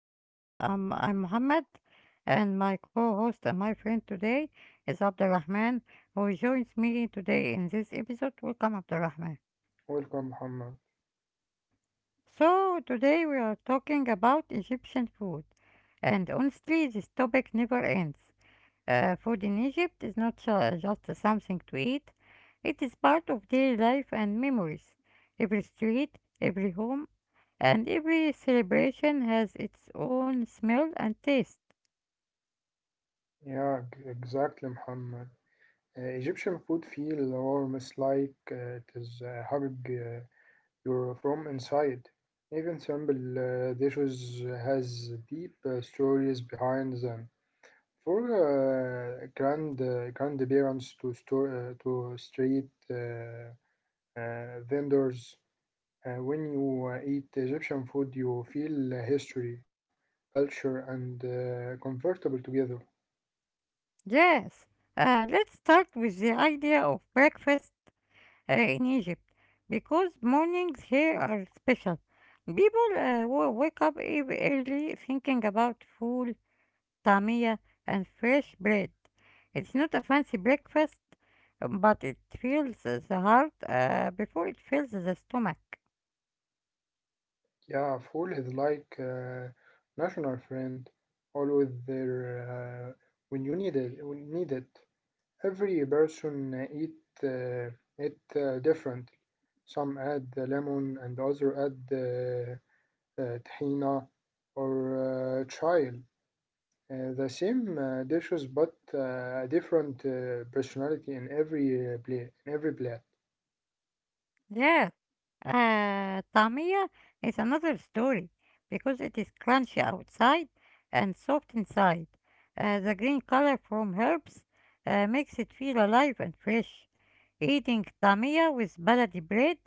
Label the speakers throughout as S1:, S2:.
S1: I'm Mohammed and my co-host and my friend today is Abdurrahman who joins me today in this episode. Welcome Abdurrahman.
S2: Welcome, Muhammad.
S1: So today we are talking about Egyptian food and honestly this topic never ends. Food in Egypt is not just something to eat, it is part of daily life and memories. Every street, every home, and every celebration has its own smell and taste.
S2: Yeah, exactly, Muhammad. Egyptian food feels almost like it is hugging you from inside. Even simple dishes has deep stories behind them. For grandparents to store to street vendors, when you eat Egyptian food, you feel history, culture, and comfortable together.
S1: Yes, let's start with the idea of breakfast in Egypt because mornings here are special. People wake up early thinking about food, Tamia and fresh bread. It's not a fancy breakfast, but it fills the heart before it fills the stomach.
S2: Yeah, Fool is like a national friend, always there when you need it. When you need it. Every person eat uh, it different. Some add the lemon and other add the tahina or chile. The same dishes but a different personality in every plate. In every plate.
S1: Yes, طعمية is another story because it is crunchy outside and soft inside. The green color from herbs makes it feel alive and fresh. Eating tamia with baladi bread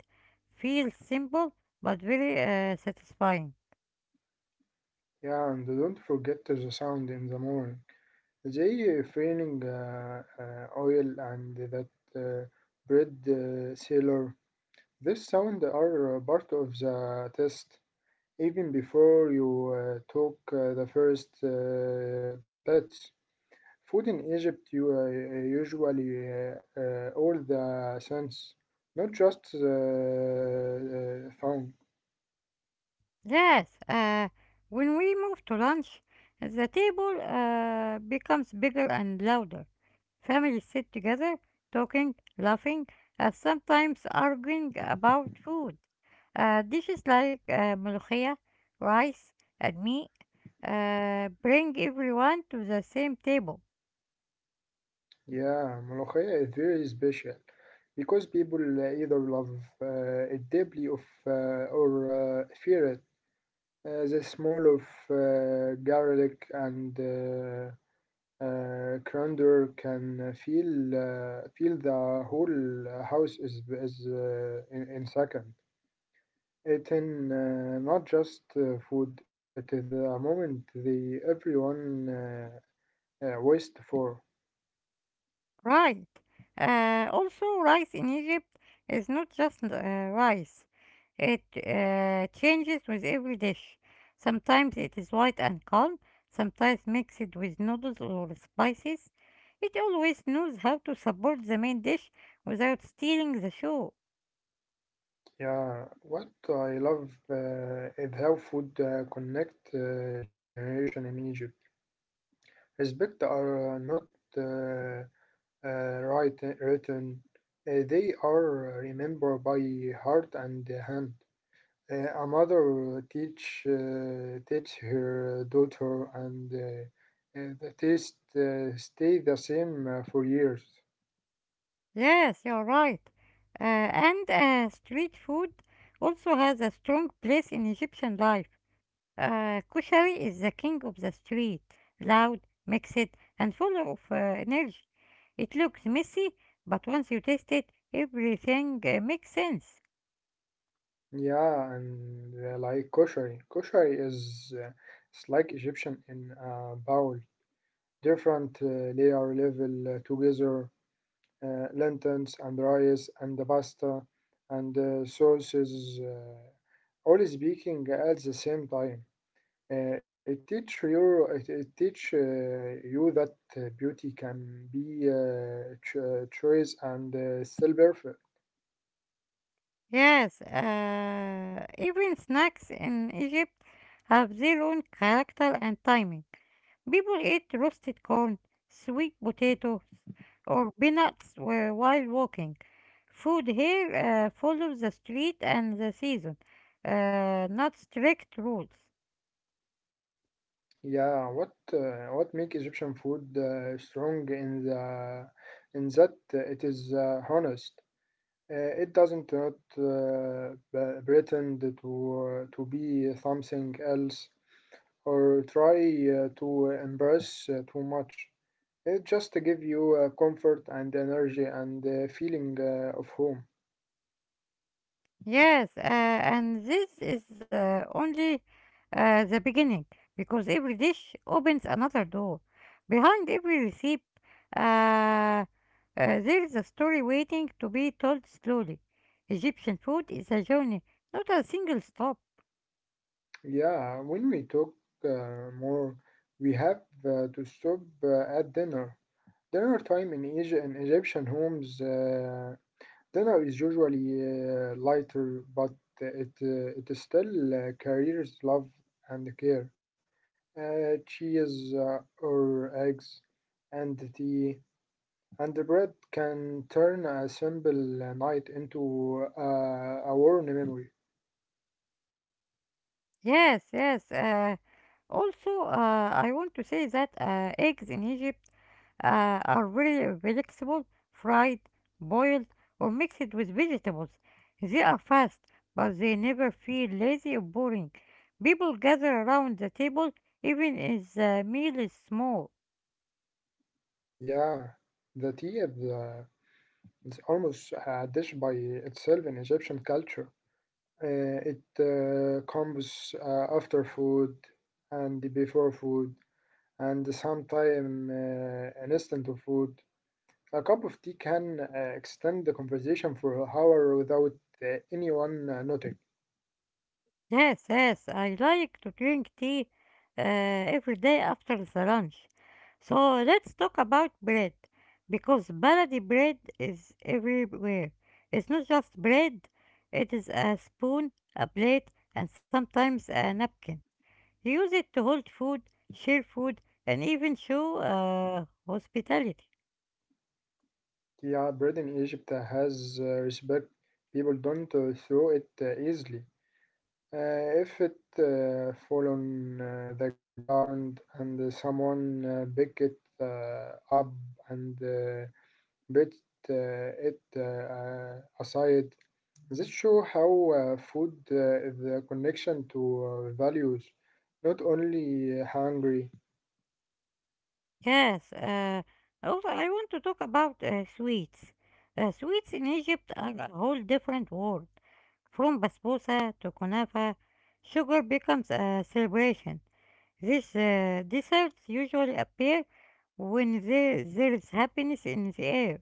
S1: feels simple but very satisfying.
S2: Yeah, and don't forget the sound in the morning. زي فينينج oil and that uh, bread sealer. This sound are part of the test even before you took the first bites. Food in Egypt you usually all the sense, not just the sound.
S1: Yes, when we move to lunch, the table becomes bigger and louder. Families sit together, talking, laughing, and sometimes arguing about food. Dishes like ملوخية, rice, and meat bring everyone to the same table.
S2: Yeah, Molokhaya is very special because people either love it deeply, or fear it. The smell of garlic and coriander can feel the whole house is in second. It in not just food. It is a moment the everyone waits for.
S1: Right. Also, rice in Egypt is not just rice. It changes with every dish. Sometimes it is white and calm, sometimes mixed with noodles or spices. It always knows how to support the main dish without stealing the show.
S2: Yeah, what I love is how food connect generation in Egypt. Respect are not uh, right written. They are remembered by heart and hand. A mother teach her daughter, and the taste stay the same for years.
S1: Yes, you're right. And Street food also has a strong place in Egyptian life. Koshari is the king of the street, loud, mixed, and full of energy. It looks messy, but once you taste it, everything makes sense.
S2: Yeah, and like koshari is it's like Egyptian in a bowl. Different layer level together, lentils and rice and the pasta and sauces, all speaking at the same time. It teach you that beauty can be choice and still perfect.
S1: Yes, even snacks in Egypt have their own character and timing. People eat roasted corn, sweet potatoes, or peanuts while walking. Food here follows the street and the season, not strict rules.
S2: Yeah, what make egyptian food strong in the in that it is honest. It doesn't not uh, pretend to be something else or try to embrace too much. It just give you comfort and energy and feeling of home.
S1: Yes, and this is only the beginning because every dish opens another door. Behind every receipt, uh, uh, there is a story waiting to be told slowly. Egyptian food is a journey, not a single stop.
S2: Yeah, when we talk more, we have to stop at dinner. Dinner time in in Egyptian homes. Dinner is usually lighter, but it still carries love and care. Cheese or eggs and tea and the bread can turn a simple night into a warm memory.
S1: Yes, yes. I want to say that eggs in Egypt are very flexible, fried, boiled, or mixed with vegetables. They are fast, but they never feel lazy or boring. People gather around the table even if the meal is small.
S2: Yeah, the tea is almost a dish by itself in Egyptian culture. Uh, it comes after food and before food and sometime an instant of food. A cup of tea can extend the conversation for an hour without anyone noting.
S1: Yes, yes, I like to drink tea every day after the lunch. So let's talk about bread, because baladi bread is everywhere. It's not just bread, it is a spoon, a plate, and sometimes a napkin. You use it to hold food, share food, and even show hospitality.
S2: Yeah, bread in Egypt has respect. People don't throw it easily. If it fall on the ground and someone pick it up and but it aside, this show how food is a connection to values, not only hungry.
S1: Yes, also I want to talk about sweets. Sweets in Egypt are a whole different world. From basbousa to kunafa, sugar becomes a celebration. These desserts usually appear when there is happiness in the air.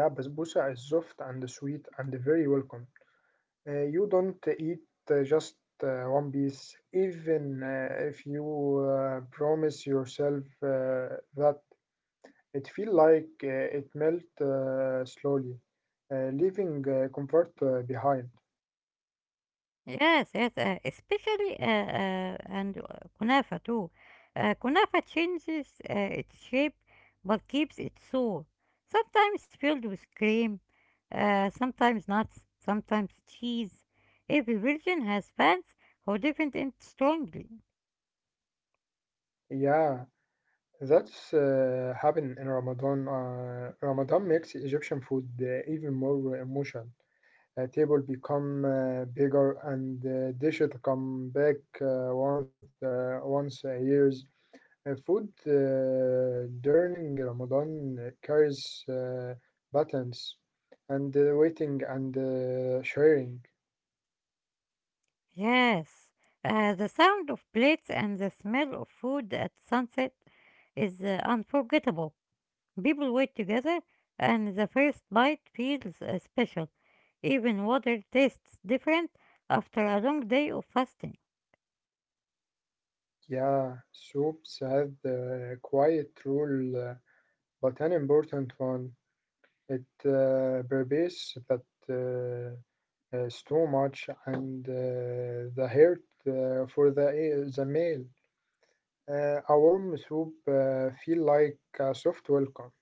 S2: Yeah, basbousa is soft and sweet and very welcome. You don't eat just one piece, even if you promise yourself that it feel like it melt slowly, leaving comfort behind.
S1: Yes, yes, especially and kunafa too. Kunafa changes its shape but keeps its soul. Sometimes filled with cream, sometimes nuts, sometimes cheese. Every region has fans who defend it strongly.
S2: Yeah, that's happen in Ramadan. Ramadan makes Egyptian food even more emotional. Table become bigger and dishes come back once a year. Food during Ramadan carries buttons and waiting and sharing.
S1: Yes, the sound of plates and the smell of food at sunset is unforgettable. People wait together, and the first bite feels special. Even water tastes different after a long day of fasting.
S2: Yeah, soups have the quiet rule, but an important one. It pervades that uh, is too much and the hurt for the male. A warm soup feel like a soft welcome.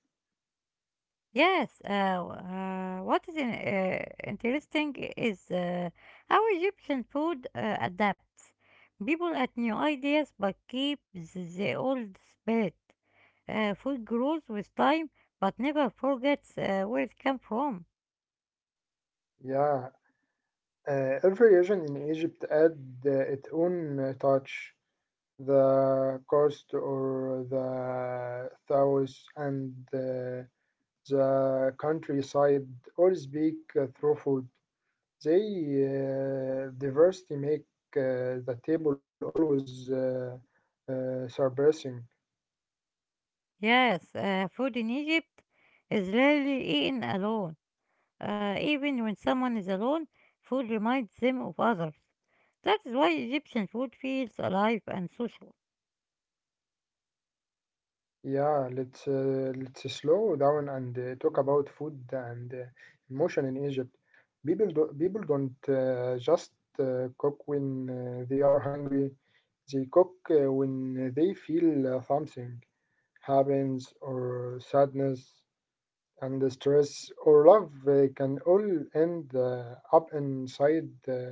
S1: Yes, interesting is how Egyptian food adapts. People add new ideas but keep the old spirit. Food grows with time but never forgets where it came from.
S2: Yeah, uh, every region in Egypt add its own touch. The coast or the south and the countryside all speak through food. They آه، diversity make the table always surprising.
S1: Yes, food in Egypt is rarely eaten alone. Even when someone is alone, food reminds them of others. That is why Egyptian food feels alive and social.
S2: Yeah, let's slow down and talk about food and emotion in Egypt. People don't just cook when they are hungry. They cook when they feel something happens or sadness. And the stress or love can all end uh, up inside uh,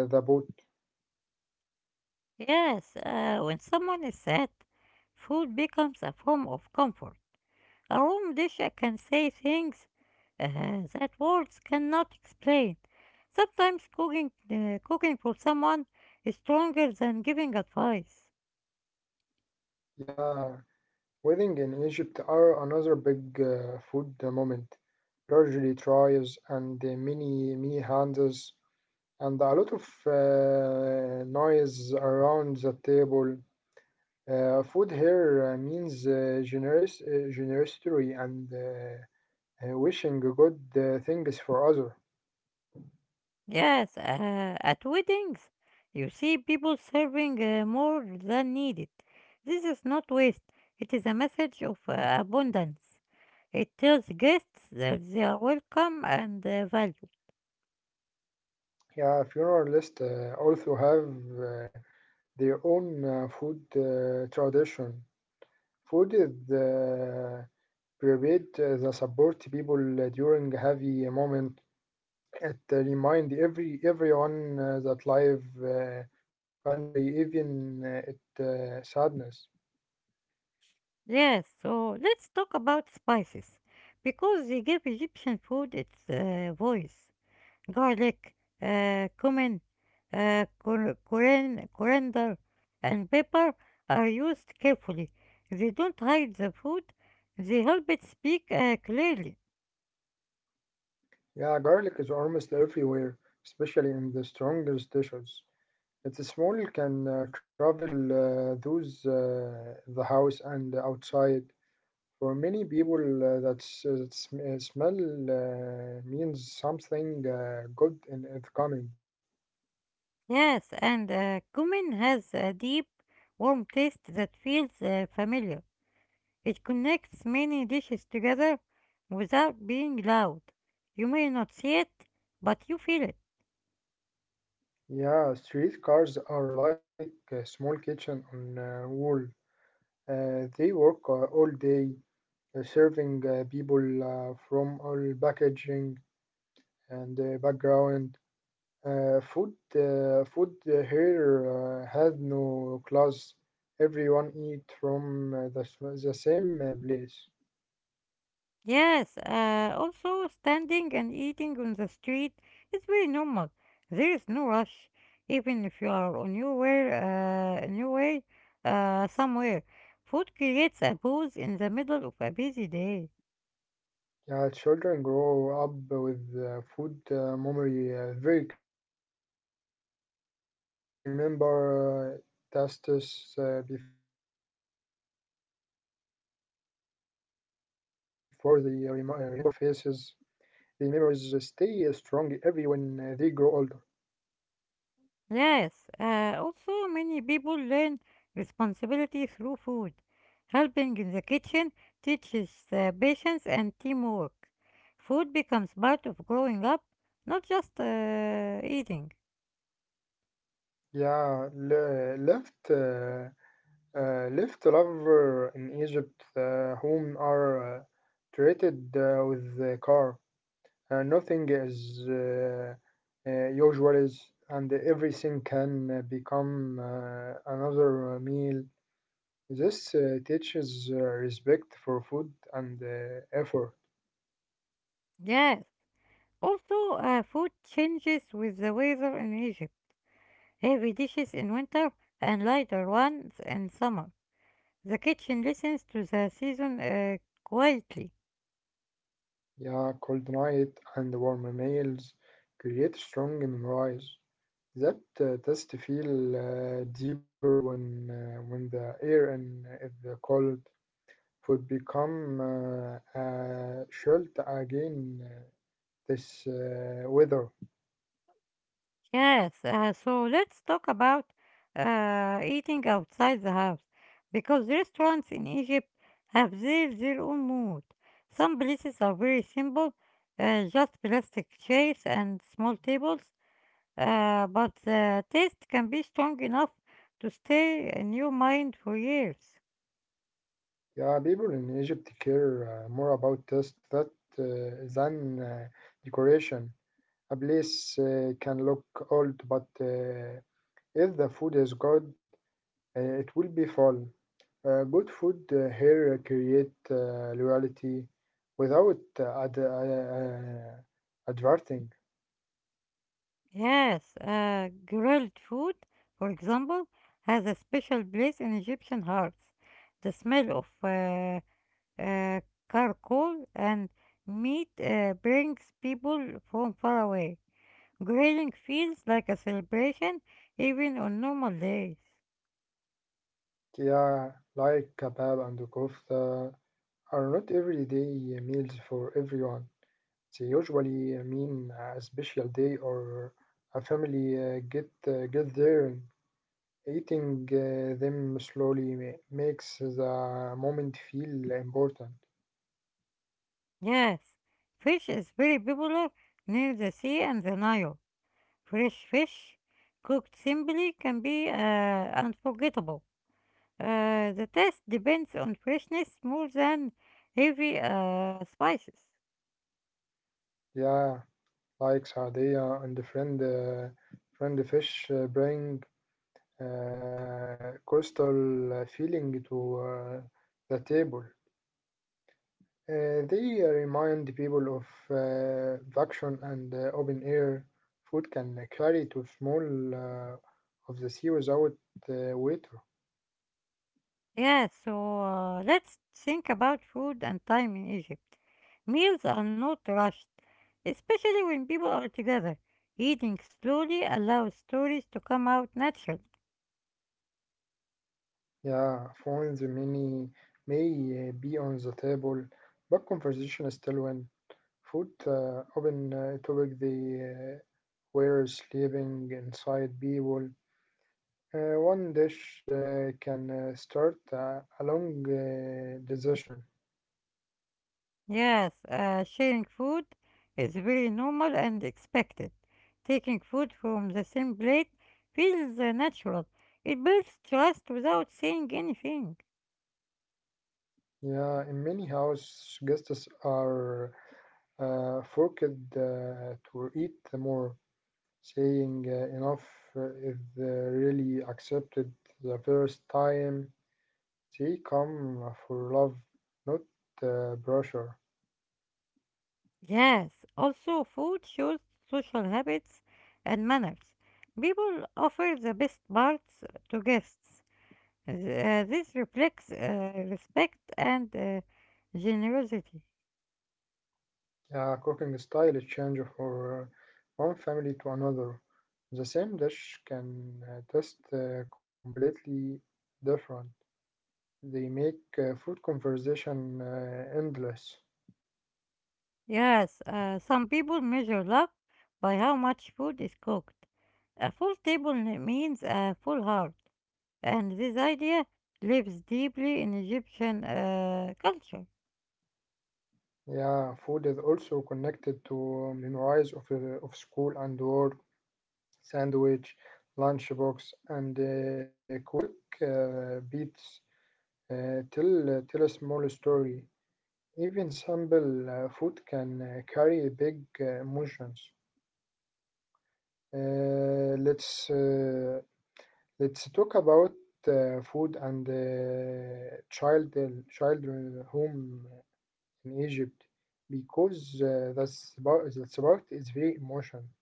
S2: uh, the boat.
S1: Yes, when someone is sad, food becomes a form of comfort. A home dish that can say things uh, that words cannot explain. Sometimes cooking for someone is stronger than giving advice.
S2: Yeah, wedding in Egypt are another big food moment. Largely tries and many many hands and a lot of noise around the table. Food here means generous generosity and wishing good things for others.
S1: Yes, at weddings, you see people serving more than needed. This is not waste, it is a message of abundance. It tells guests that they are welcome and valued.
S2: Yeah, funeralists also have uh, their own food tradition. Food is prepared that support people during a heavy moment. It remind everyone that life, country, even it sadness.
S1: Yes, so let's talk about spices, because they give Egyptian food its voice. Garlic, cumin, coriander, and pepper are used carefully. They don't hide the food, they help it speak clearly.
S2: Yeah, garlic is almost everywhere, especially in the strongest dishes. It's small can travel those the house and outside. For many people, that smell means something good and it's coming.
S1: Yes, and cumin has a deep, warm taste that feels familiar. It connects many dishes together without being loud. You may not see it, but you feel it.
S2: Yeah, street cars are like a small kitchen on wheel. They work all day, serving people from all packaging and background. Food here has no class. Everyone eat from the same place.
S1: Yes, also standing and eating on the street is very normal. There is no rush, even if you are on your way somewhere. Food creates a pause in the middle of a busy day.
S2: Yeah, children grow up with food memory very very early. They remember tastes before they remember faces. The memories stay strong every when they grow older.
S1: Yes, also many people learn responsibility through food. Helping in the kitchen teaches patience and teamwork. Food becomes part of growing up, not just eating.
S2: Yeah, left lover in Egypt, whom are treated with the car. Nothing is usual, and everything can become another meal. This teaches respect for food and effort.
S1: Yes. Also, food changes with the weather in Egypt. Heavy dishes in winter and lighter ones in summer. The kitchen listens to the season quietly.
S2: Yeah, cold night and warm meals create strong memories that test feel deeper when the air and the cold food become chilled again, this weather.
S1: Yes, so let's talk about eating outside the house because restaurants in Egypt have their own mood. Some places are very simple, just plastic chairs and small tables. But the taste can be strong enough to stay in your mind for years.
S2: Yeah, people in Egypt care more about taste that than decoration. A place can look old, but if the food is good, it will be fun. Good food here create loyalty without adverting.
S1: Yes, grilled food, for example, has a special place in Egyptian hearts. The smell of uh, charcoal and meat brings people from far away. Grilling feels like a celebration even on normal days.
S2: Yeah, like kebab and kofta are not everyday meals for everyone. They usually mean a special day or a family get gathering. Eating them slowly makes the moment feel important.
S1: Yes, fish is very popular near the sea and the Nile. Fresh fish cooked simply can be unforgettable. The taste depends on freshness more than heavy spices.
S2: Yeah, like Sadia and the friend, friend fish bring coastal feeling to the table. They remind people of vacation and open air food can carry to small uh, of the sea without waiter.
S1: Yeah, so let's think about food and time in Egypt. Meals are not rushed, especially when people are together. Eating slowly allows stories to come out naturally.
S2: Yeah, phones many may be on the table, but conversation is still when food open topic they uh, were sleeping inside people. One dish can start a long decision.
S1: Yes, sharing food is very normal and expected. Taking food from the same plate feels natural. It builds trust without saying anything.
S2: Yeah, in many house guests are forced to eat more. Saying enough is really accepted the first time. They come for love, not pressure.
S1: Yes, also food shows social habits and manners. People offer the best parts to guests. This reflects respect and generosity.
S2: Cooking style is change for one family to another. The same dish can taste completely different. They make food conversation endless.
S1: Yes, some people measure love by how much food is cooked. A full table means a full heart, and this idea lives deeply in Egyptian culture.
S2: Yeah, food is also connected to memories of school and work, sandwich, lunchbox, and quick beats. Tell a small story. Even simple food can carry big emotions. Uh, let's uh, let's talk about food and childhood home in Egypt because the sport is very emotional.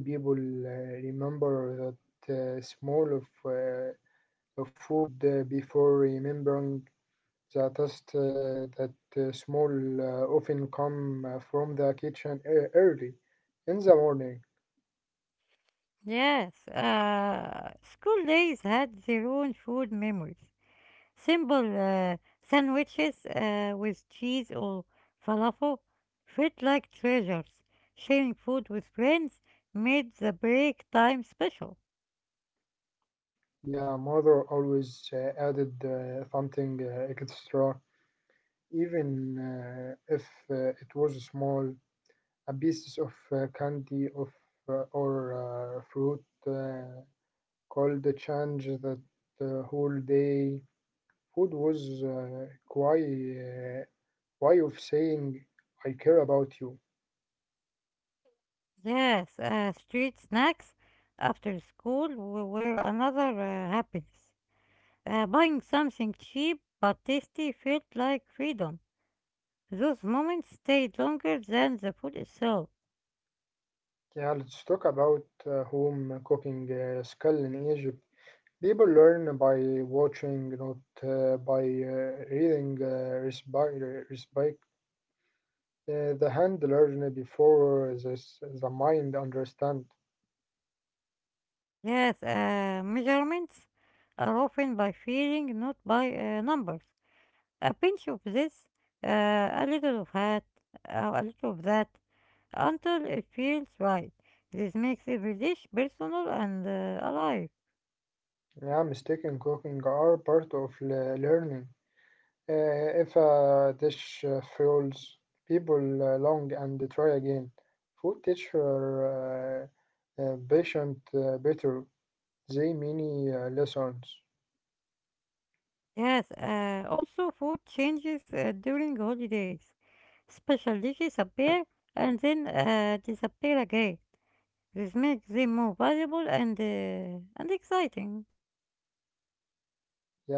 S2: Many people remember that smell of food before remembering the taste that smell often come from the kitchen early in the morning.
S1: Yes, school days had their own food memories. Simple sandwiches with cheese or falafel felt like treasures. Sharing food with friends made the break time special.
S2: Yeah, mother always added something extra, even if it was small, a piece of candy of or fruit could change that whole day. Food was quite way of saying I care about you.
S1: Yes, street snacks after school were another happiness. Buying something cheap but tasty felt like freedom. Those moments stayed longer than the food itself.
S2: Yeah, let's talk about home cooking skill in Egypt. People learn by watching, not by reading. Respect. The hand learn before this, the mind understand.
S1: Yes, measurements are often by feeling, not by numbers. A pinch of this, uh, a little of that, a little of that, until it feels right. This makes every dish personal and alive.
S2: Yeah, mistake and cooking are part of learning. If a dish fails, people long and try again. Food teacher patient better. They many lessons.
S1: Yes, also food changes during holidays. Especially disappear and then disappear again. This makes them more valuable and exciting.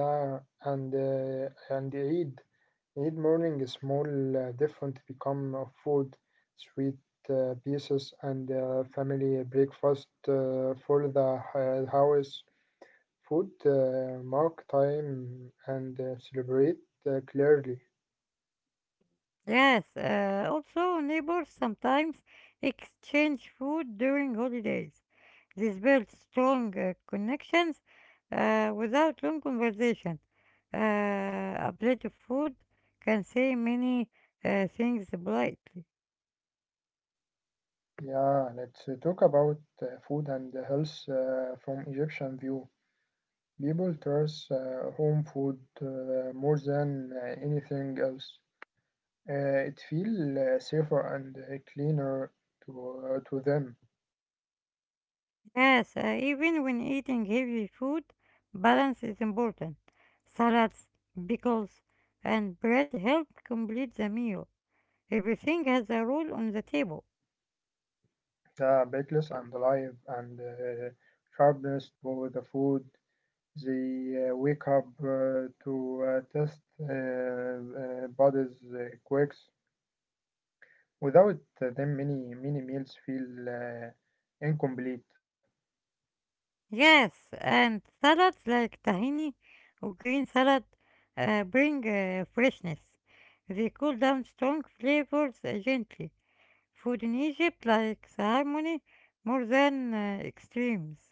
S2: Yeah, and Eid, Eid morning is small different become of food, sweet pieces and family breakfast for the house. Food mark time and celebrate clearly.
S1: Yes, also neighbors sometimes exchange food during holidays. This builds strong connections without long conversation. A plate of food can say many things politely.
S2: Yeah, let's talk about food and health from Egyptian view. People trust home food more than anything else. It feels safer and cleaner to, to them.
S1: Yes, even when eating heavy food, balance is important. Salads, pickles, and bread help complete the meal. Everything has a role on the table.
S2: The bakeless and alive and sharpness to the food. They wake up to test bodies quakes. Without them, many many meals feel incomplete.
S1: Yes, and salads like tahini or green salad bring freshness. They cool down strong flavors gently. Food in Egypt likes harmony more than extremes.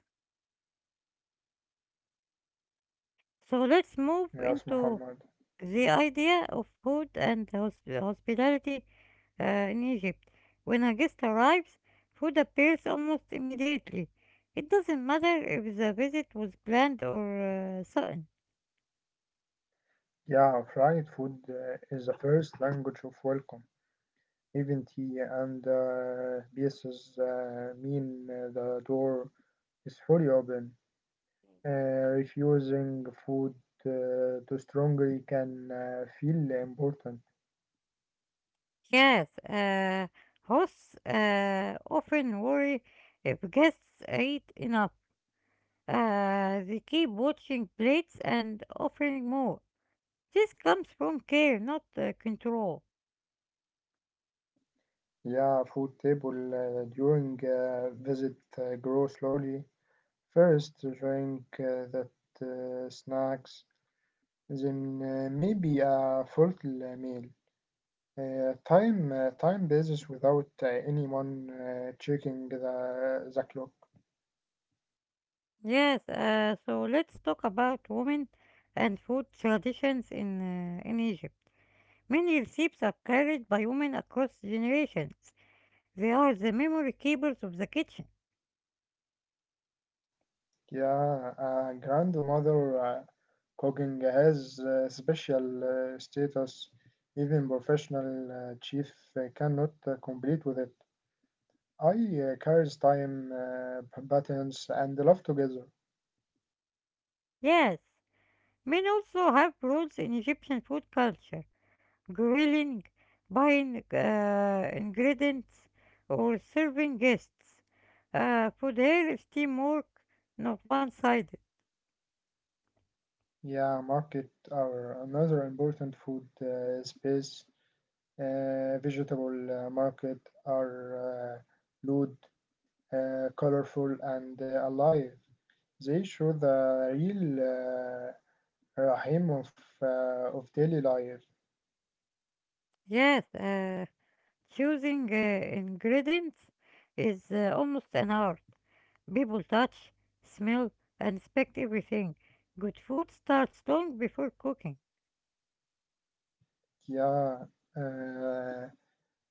S1: So let's move
S2: Yes,
S1: into
S2: Muhammad.
S1: the idea of food and hospitality in Egypt. When a guest arrives, food appears almost immediately. It doesn't matter if the visit was planned or sudden.
S2: Yeah, fried food is the first language of welcome. Even tea and pieces mean the door is fully open. Refusing food too strongly can feel important.
S1: Yes, hosts often worry if guests eat enough. They keep watching plates and offering more. This comes from care, not control.
S2: Yeah, food table during visit grow slowly. First, drink that snacks then maybe a full meal. Time basis without anyone checking the clock.
S1: Yes, so let's talk about women and food traditions in Egypt. Many recipes are carried by women across generations. They are the memory keepers of the kitchen.
S2: Yeah, a grandmother cooking has special status. Even professional chef cannot complete with it. I carries time, buttons, and love together.
S1: Yes, men also have roles in Egyptian food culture, grilling, buying ingredients, or serving guests. Food here is teamwork, not one-sided.
S2: Yeah, market are another important food space. Vegetable market are uh, loud, colorful, and alive. They show the real rahim of daily life.
S1: Yes, choosing ingredients is almost an art. People touch, smell, and inspect everything. Good food starts long before cooking.
S2: Yeah, uh,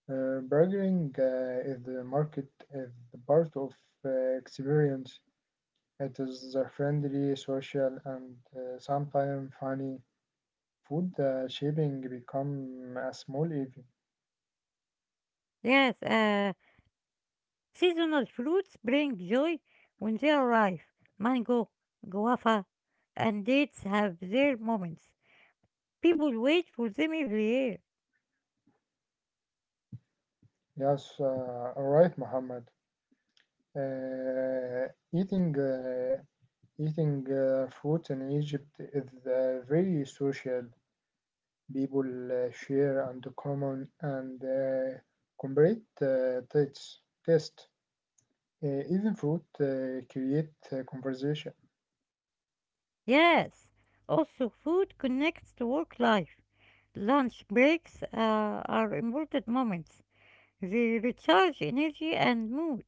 S2: burgering is the part of experience. It is a friendly, social, and sometimes funny. Food shaping become a small event.
S1: Yes, seasonal fruits bring joy when they arrive. Mango, guava, and dates have their moments. People wait for them every year.
S2: Yes, all right, Muhammad. Uh, eating uh, eating fruit in Egypt is very social. People share and common and comparate tastes. Taste. Even fruit create conversation.
S1: Yes, also food connects to work life. Lunch breaks are important moments. They recharge energy and mood.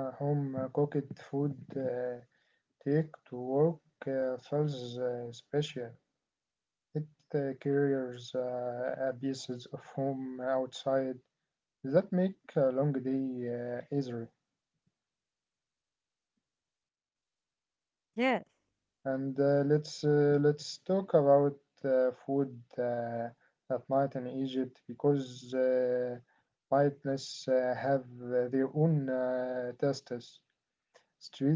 S2: Yeah, home cooked food take to work feels special. It carries a pieces of home outside. That make a long day easier.
S1: Yes.
S2: And let's talk about food at night in Egypt because nightness have their own tastes.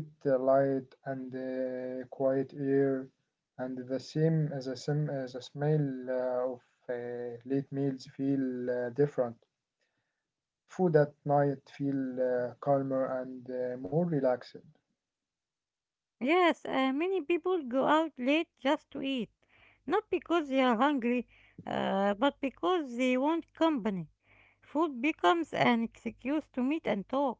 S2: Street light and quiet air, and the same as the smell of late meals feel different. Food at night feel calmer and more relaxed.
S1: Yes, many people go out late just to eat. Not because they are hungry, but because they want company. Food becomes an excuse to meet and talk.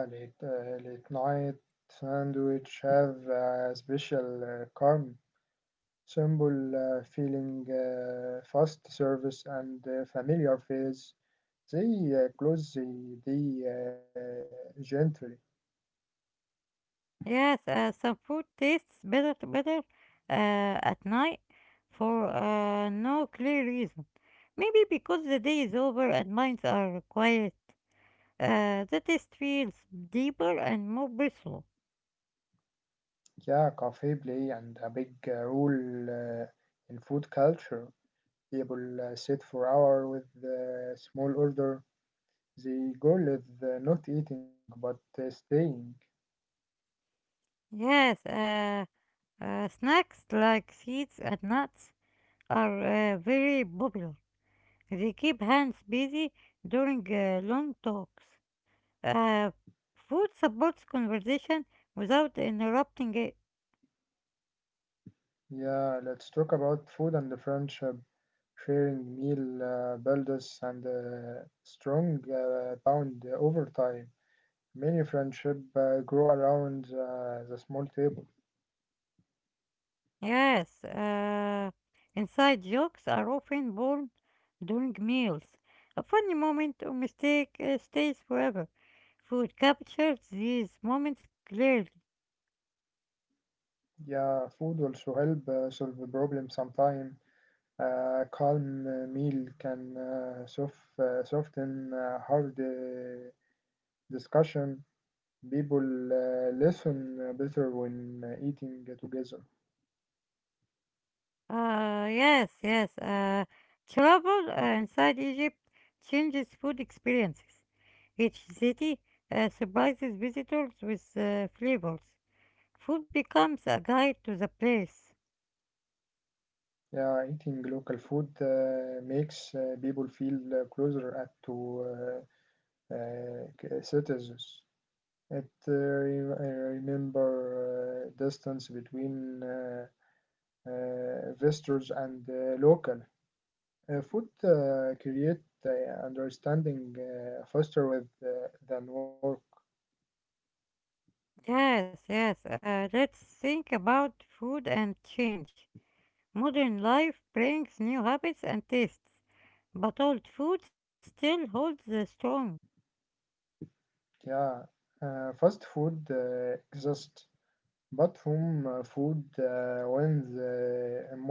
S2: Yeah, late night sandwich have a special charm, simple feeling, fast service, and familiar face. They close the gently.
S1: Yes, some food tastes better to better at night for no clear reason. Maybe because the day is over and minds are quiet. The taste feels deeper and more personal.
S2: Yeah, cafe play and a big role in food culture. People sit for hour with small order. The goal is not eating but staying.
S1: Yes, snacks like seeds and nuts are very popular. They keep hands busy during long talks. Uh, food supports conversation without interrupting it.
S2: Yeah, let's talk about food and the friendship. Sharing meal builds and strong bond over time. Many friendships grow around the small table.
S1: Yes, inside jokes are often born during meals. A funny moment or mistake stays forever. Food captures these moments clearly.
S2: Yeah, food also help solve the problem sometimes. Calm meal can soften hard discussion. People listen better when eating together.
S1: Yes, yes. Travel inside Egypt changes food experiences. Each city surprises visitors with flavors. Food becomes a guide to the place.
S2: Yeah, eating local food makes people feel closer at to uh, citizens. It I remember distance between visitors and local. Food create understanding faster with than work.
S1: Yes, yes. Let's think about food and change. Modern life brings new habits and tastes, but old food still holds the strong.
S2: Yeah, fast food exists, but home food wins emotionally.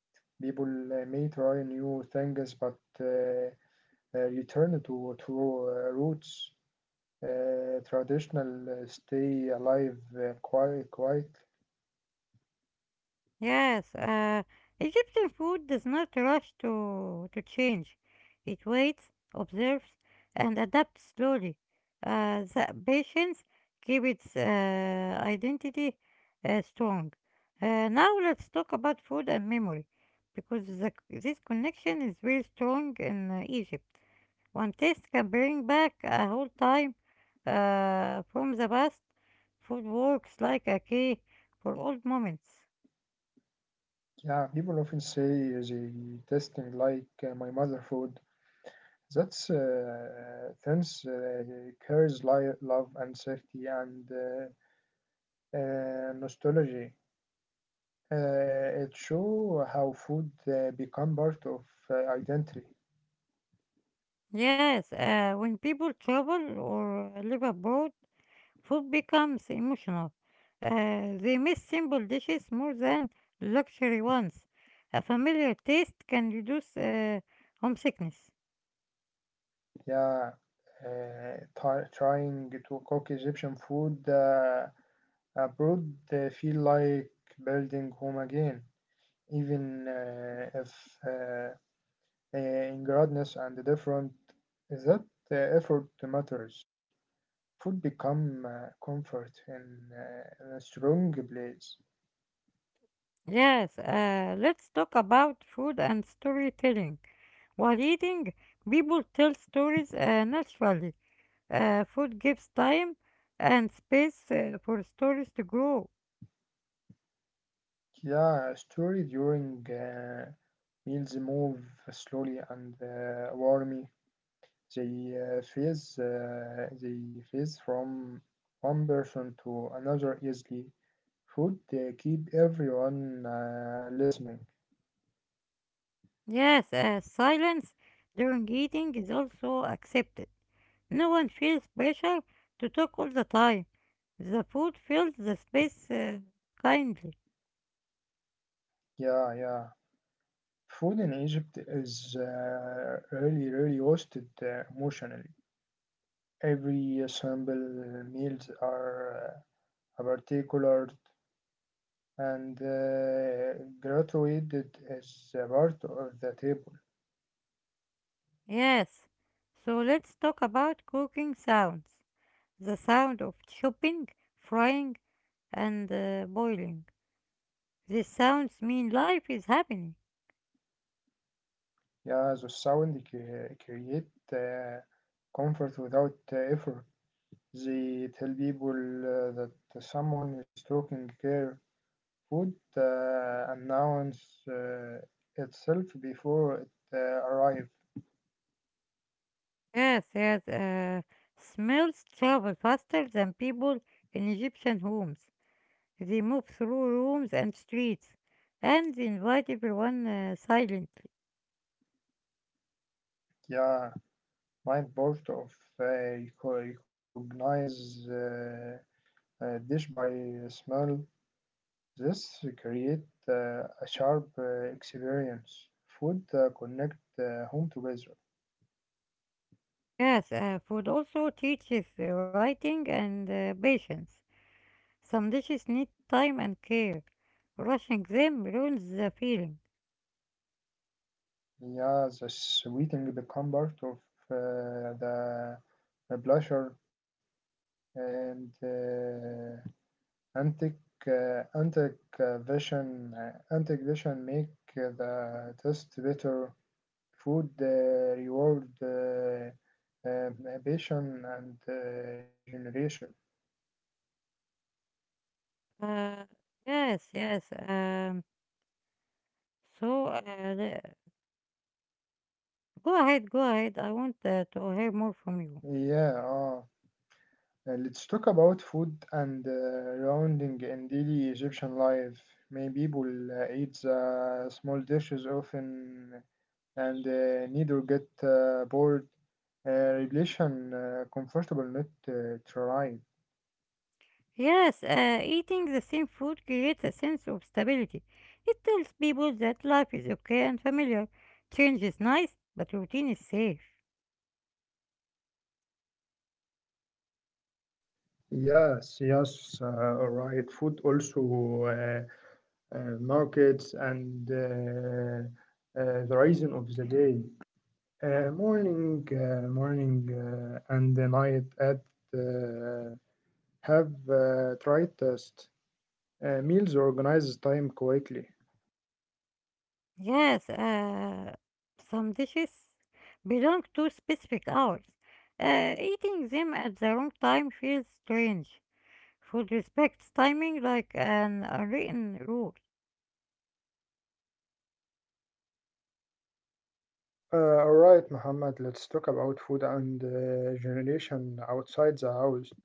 S2: People may try new things, but uh, return to roots. Traditional stay alive quite quite.
S1: Yes, Egyptian food does not rush to change. It waits, observes, and adapts slowly. The patience keep its identity strong. Now let's talk about food and memory, because this connection is very strong in Egypt. One taste can bring back a whole time from the past. Food works like a key for old moments.
S2: Yeah, people often say they tasting like my mother food, that's thence carries love and safety and nostalgia. Uh, it show how food become part of uh, identity.
S1: Yes, when people travel or live abroad, food becomes emotional. They miss simple dishes more than luxury ones. A familiar taste can reduce homesickness.
S2: Yeah, trying to cook Egyptian food abroad feel like building home again, even if uh, ingredient and different, that effort matters. Food become comfort in a strong place.
S1: Yes, let's talk about food and storytelling. While eating, people tell stories naturally. Food gives time and space for stories to grow.
S2: Yeah, story during meals move slowly and warmly. They phase they phase from one person to another easily. Food keep everyone listening.
S1: Yes, silence during eating is also accepted. No one feels pressure to talk all the time. The food fills the space kindly.
S2: Yeah, yeah. Food in Egypt is really, really roasted emotionally. Every sample meals are particular and graduated as a part of the table.
S1: Yes. So let's talk about cooking sounds. The sound of chopping, frying, and boiling. These sounds mean life is happening.
S2: Yeah, the sound create uh, comfort without effort. They tell people that someone is taking care. Food announce uh, itself before it arrives.
S1: Yes, yes. Smells travel faster than people in Egyptian homes. They move through rooms and streets and invite everyone silently.
S2: Yeah, nine board of recognize a dish by smell. This create a sharp experience. Food connect home together.
S1: Yes, food also teaches writing and patience. Some dishes need time and care. Rushing them ruins the feeling.
S2: Yeah, the sweeting become part of the pleasure and antic antic vision make the taste better. Food reward. Ambition and generation.
S1: Uh, yes, yes. So uh, the- Go ahead, go ahead. I want to hear more from you.
S2: Yeah, let's talk about food and rounding in daily Egyptian life. Many people eat small dishes often and neither get bored. Relation comfortable not trying.
S1: Yes, eating the same food creates a sense of stability. It tells people that life is okay and familiar. Change is nice, but routine is safe.
S2: Yes, yes, right. Food also uh, markets and the reason of the day. Morning, and the night at uh, have tried test meals organizes time quickly.
S1: Yes, some dishes belong to specific hours. Eating them at the wrong time feels strange. Food respects timing like an unwritten rule.
S2: All right, Muhammad, let's talk about food and generation outside the house.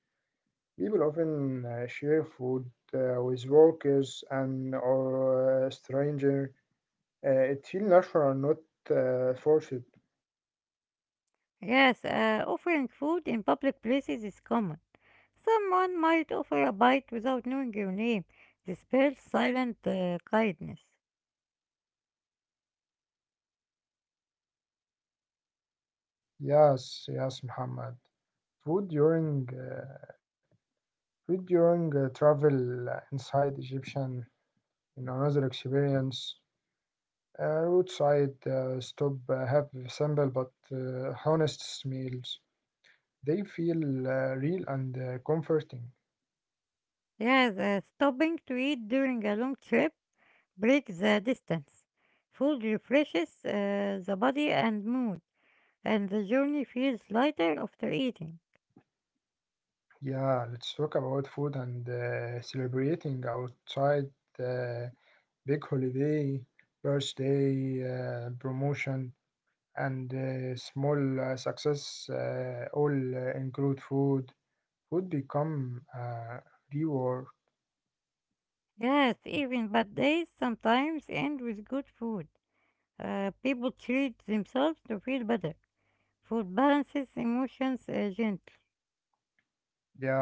S2: People often share food with workers and or stranger. It feels natural, not forced.
S1: Yes, offering food in public places is common. Someone might offer a bite without knowing your name. This spells silent kindness.
S2: Yes, yes, Muhammad. Food during With during travel inside Egyptian in another experience, a roadside stop have simple but honest meals. They feel real and comforting.
S1: Yes, stopping to eat during a long trip breaks the distance. Food refreshes the body and mood, and the journey feels lighter after eating.
S2: Yeah, let's talk about food and celebrating outside uh, big holiday, birthday, promotion, and small success all include food. Food become reward.
S1: Yes, even bad days sometimes end with good food. People treat themselves to feel better. Food balances emotions gently.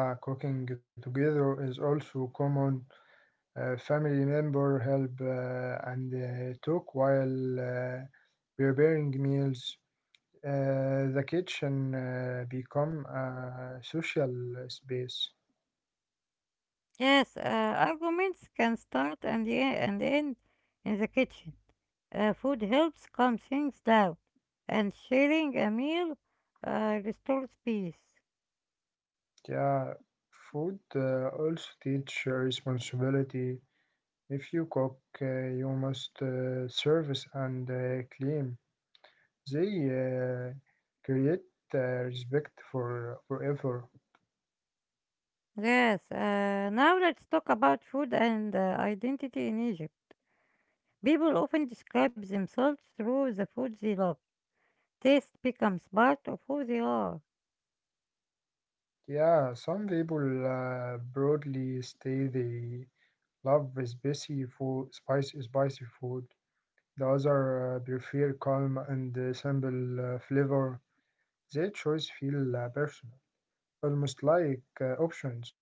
S2: Yeah, cooking together is also common. Family member help and talk while preparing meals. The kitchen become a social space.
S1: Yes, arguments can start and end in the kitchen. Food helps calm things down, and sharing a meal restores peace.
S2: Yeah, food also teach responsibility. If you cook, you must service and clean. They create uh, respect for forever.
S1: Yes, now let's talk about food and identity in Egypt. People often describe themselves through the food they love. Taste becomes part of who they are.
S2: Yeah, some people broadly stay. They love spicy food, spicy food. The other prefer calm and simple flavor. Their choice feel personal, almost like options.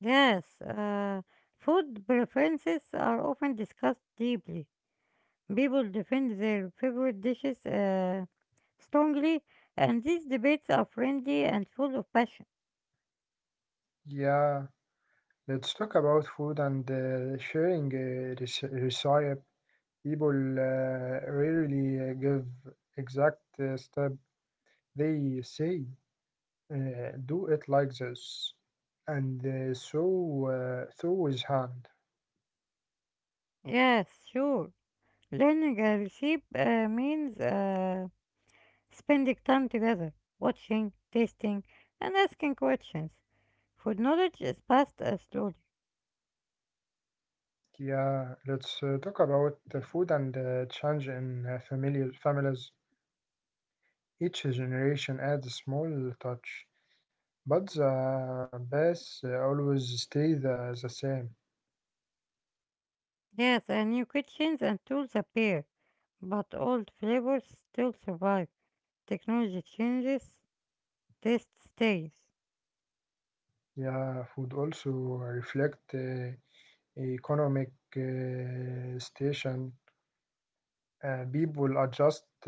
S1: Yes, food preferences are often discussed deeply. People defend their favorite dishes. Strongly, and these debates are friendly and full of passion.
S2: Yeah, let's talk about food and sharing recipe. People rarely give exact step. They say, uh, do it like this. And so through his hand.
S1: Yes, sure. Learning a recipe means spending time together, watching, tasting, and asking questions. Food knowledge is passed slowly.
S2: Yeah, let's talk about the food and change in familiar families. Each generation adds a small touch, but the base always stay the same.
S1: Yes, and new kitchens and tools appear, but old flavors still survive. Technology changes, taste stays.
S2: Yeah, food also reflect economic station. People adjust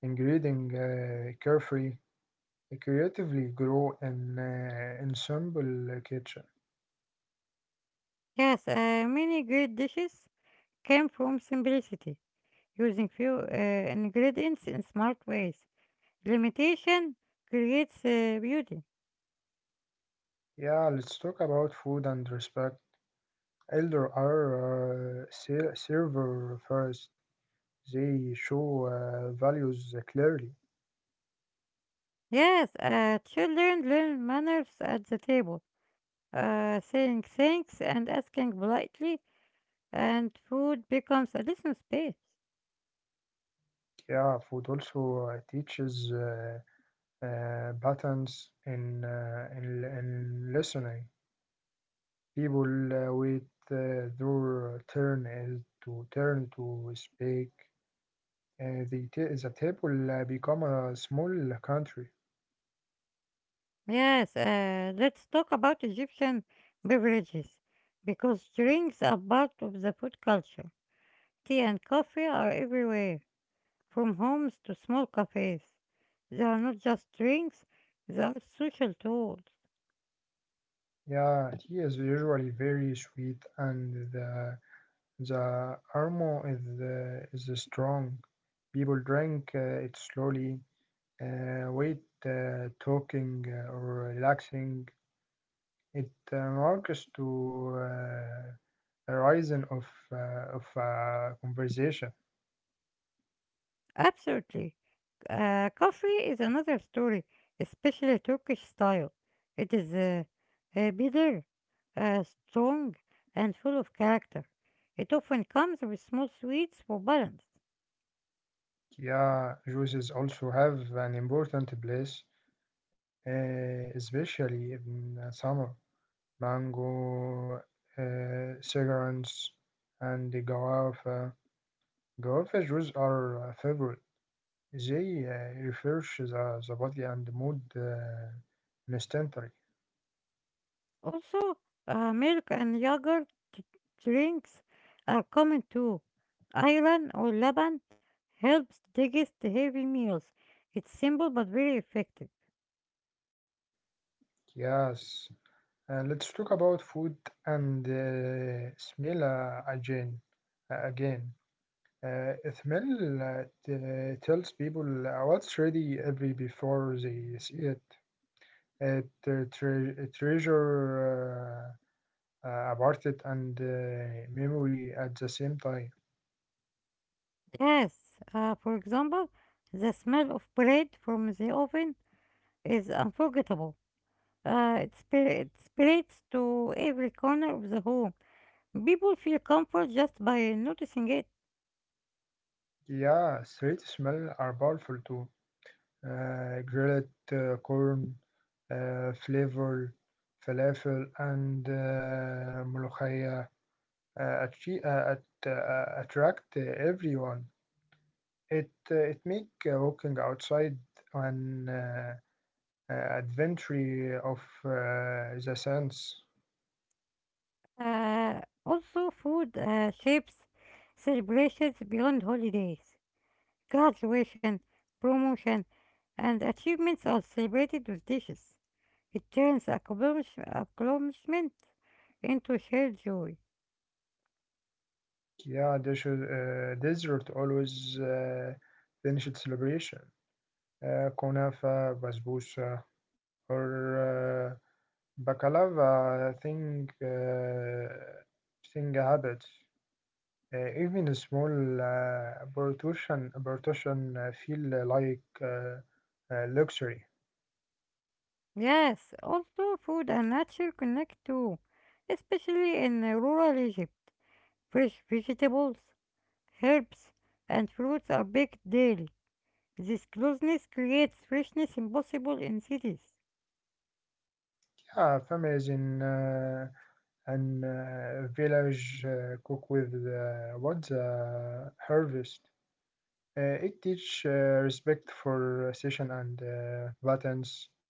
S2: ingredient carefully creatively grow in ensemble kitchen.
S1: Yes, many great dishes came from simplicity, using few ingredients in smart ways. Limitation creates beauty.
S2: Yeah, let's talk about food and respect. Elder are server first. They show values clearly.
S1: Yes, children learn manners at the table, saying thanks and asking politely, and food becomes a little space.
S2: Yeah, food also teaches patterns in, in listening. People wait their turn is to turn to speak. The table become a small country.
S1: Yes, let's talk about Egyptian beverages because drinks are part of the food culture. Tea and coffee are everywhere, from homes to small cafes. They are not just drinks, they are social tools.
S2: Yeah, tea is usually very sweet, and the aroma is strong. People drink it slowly, wait, talking or relaxing. It marks to horizon of conversation.
S1: Absolutely. Coffee is another story, especially Turkish style. It is bitter, strong, and full of character. It often comes with small sweets for balance.
S2: Yeah, juices also have an important place, especially in summer. Mango, uh, cigarettes, and the guava. Guava juice are a favorite. They refresh the body and mood instantly.
S1: Also, milk and yogurt drinks are common too. Iron or laban helps digest the heavy meals. It's simple but very effective.
S2: Yes. Let's talk about food and smell again. Uh, smell tells people what's ready every before they see it. It treasure about it and memory at the same time.
S1: Yes, for example, the smell of bread from the oven is unforgettable. It spreads to every corner of the home. People feel comfort just by noticing it.
S2: Yeah, sweet smell are powerful too. Grilled corn, flavor, falafel, and molokhaya attract everyone. It it make walking outside an adventure of the sense.
S1: Also, food shapes celebrations beyond holidays. Graduation, promotion, and achievements are celebrated with dishes. It turns accomplishment into shared joy.
S2: Yeah, they should, dessert always finished celebration. Kunafa, basbousa, or baklava thing, thing habits. Even a small portion feel like luxury.
S1: Yes, also food and nature connect too, especially in rural Egypt. Fresh vegetables, herbs, and fruits are baked daily. This closeness creates freshness impossible in cities.
S2: Yeah, families in an village cook with what the harvest. It teach respect for session and buttons.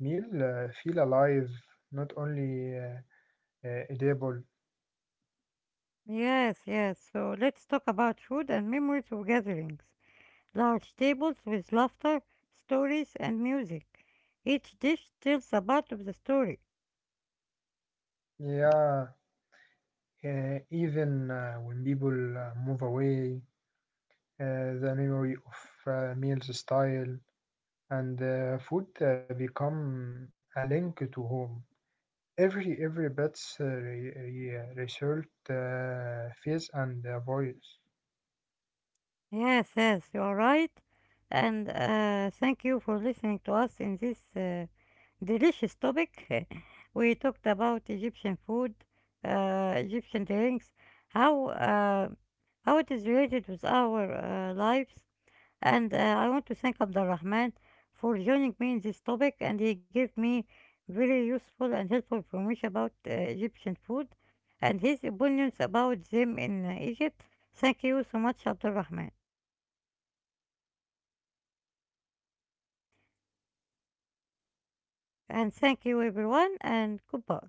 S2: Meal feel alive, not only edible.
S1: Yes, yes, so let's talk about food and memories of gatherings, large tables with laughter, stories, and music. Each dish tells a part of the story.
S2: Yeah, even when people move away, uh, the memory of meals style and food become a link to home. Every pet's result face and voice.
S1: Yes, yes, you are right. And thank you for listening to us in this delicious topic. We talked about Egyptian food, Egyptian drinks, how uh, how it is related with our lives, and I want to thank Abdulrahman for joining me in this topic, and he gave me very useful and helpful information about Egyptian food and his opinions about them in Egypt. Thank you so much, Abdulrahman,
S2: Thank you, Muhammad, and. Thank you, everyone.
S1: and thank you everyone, and goodbye.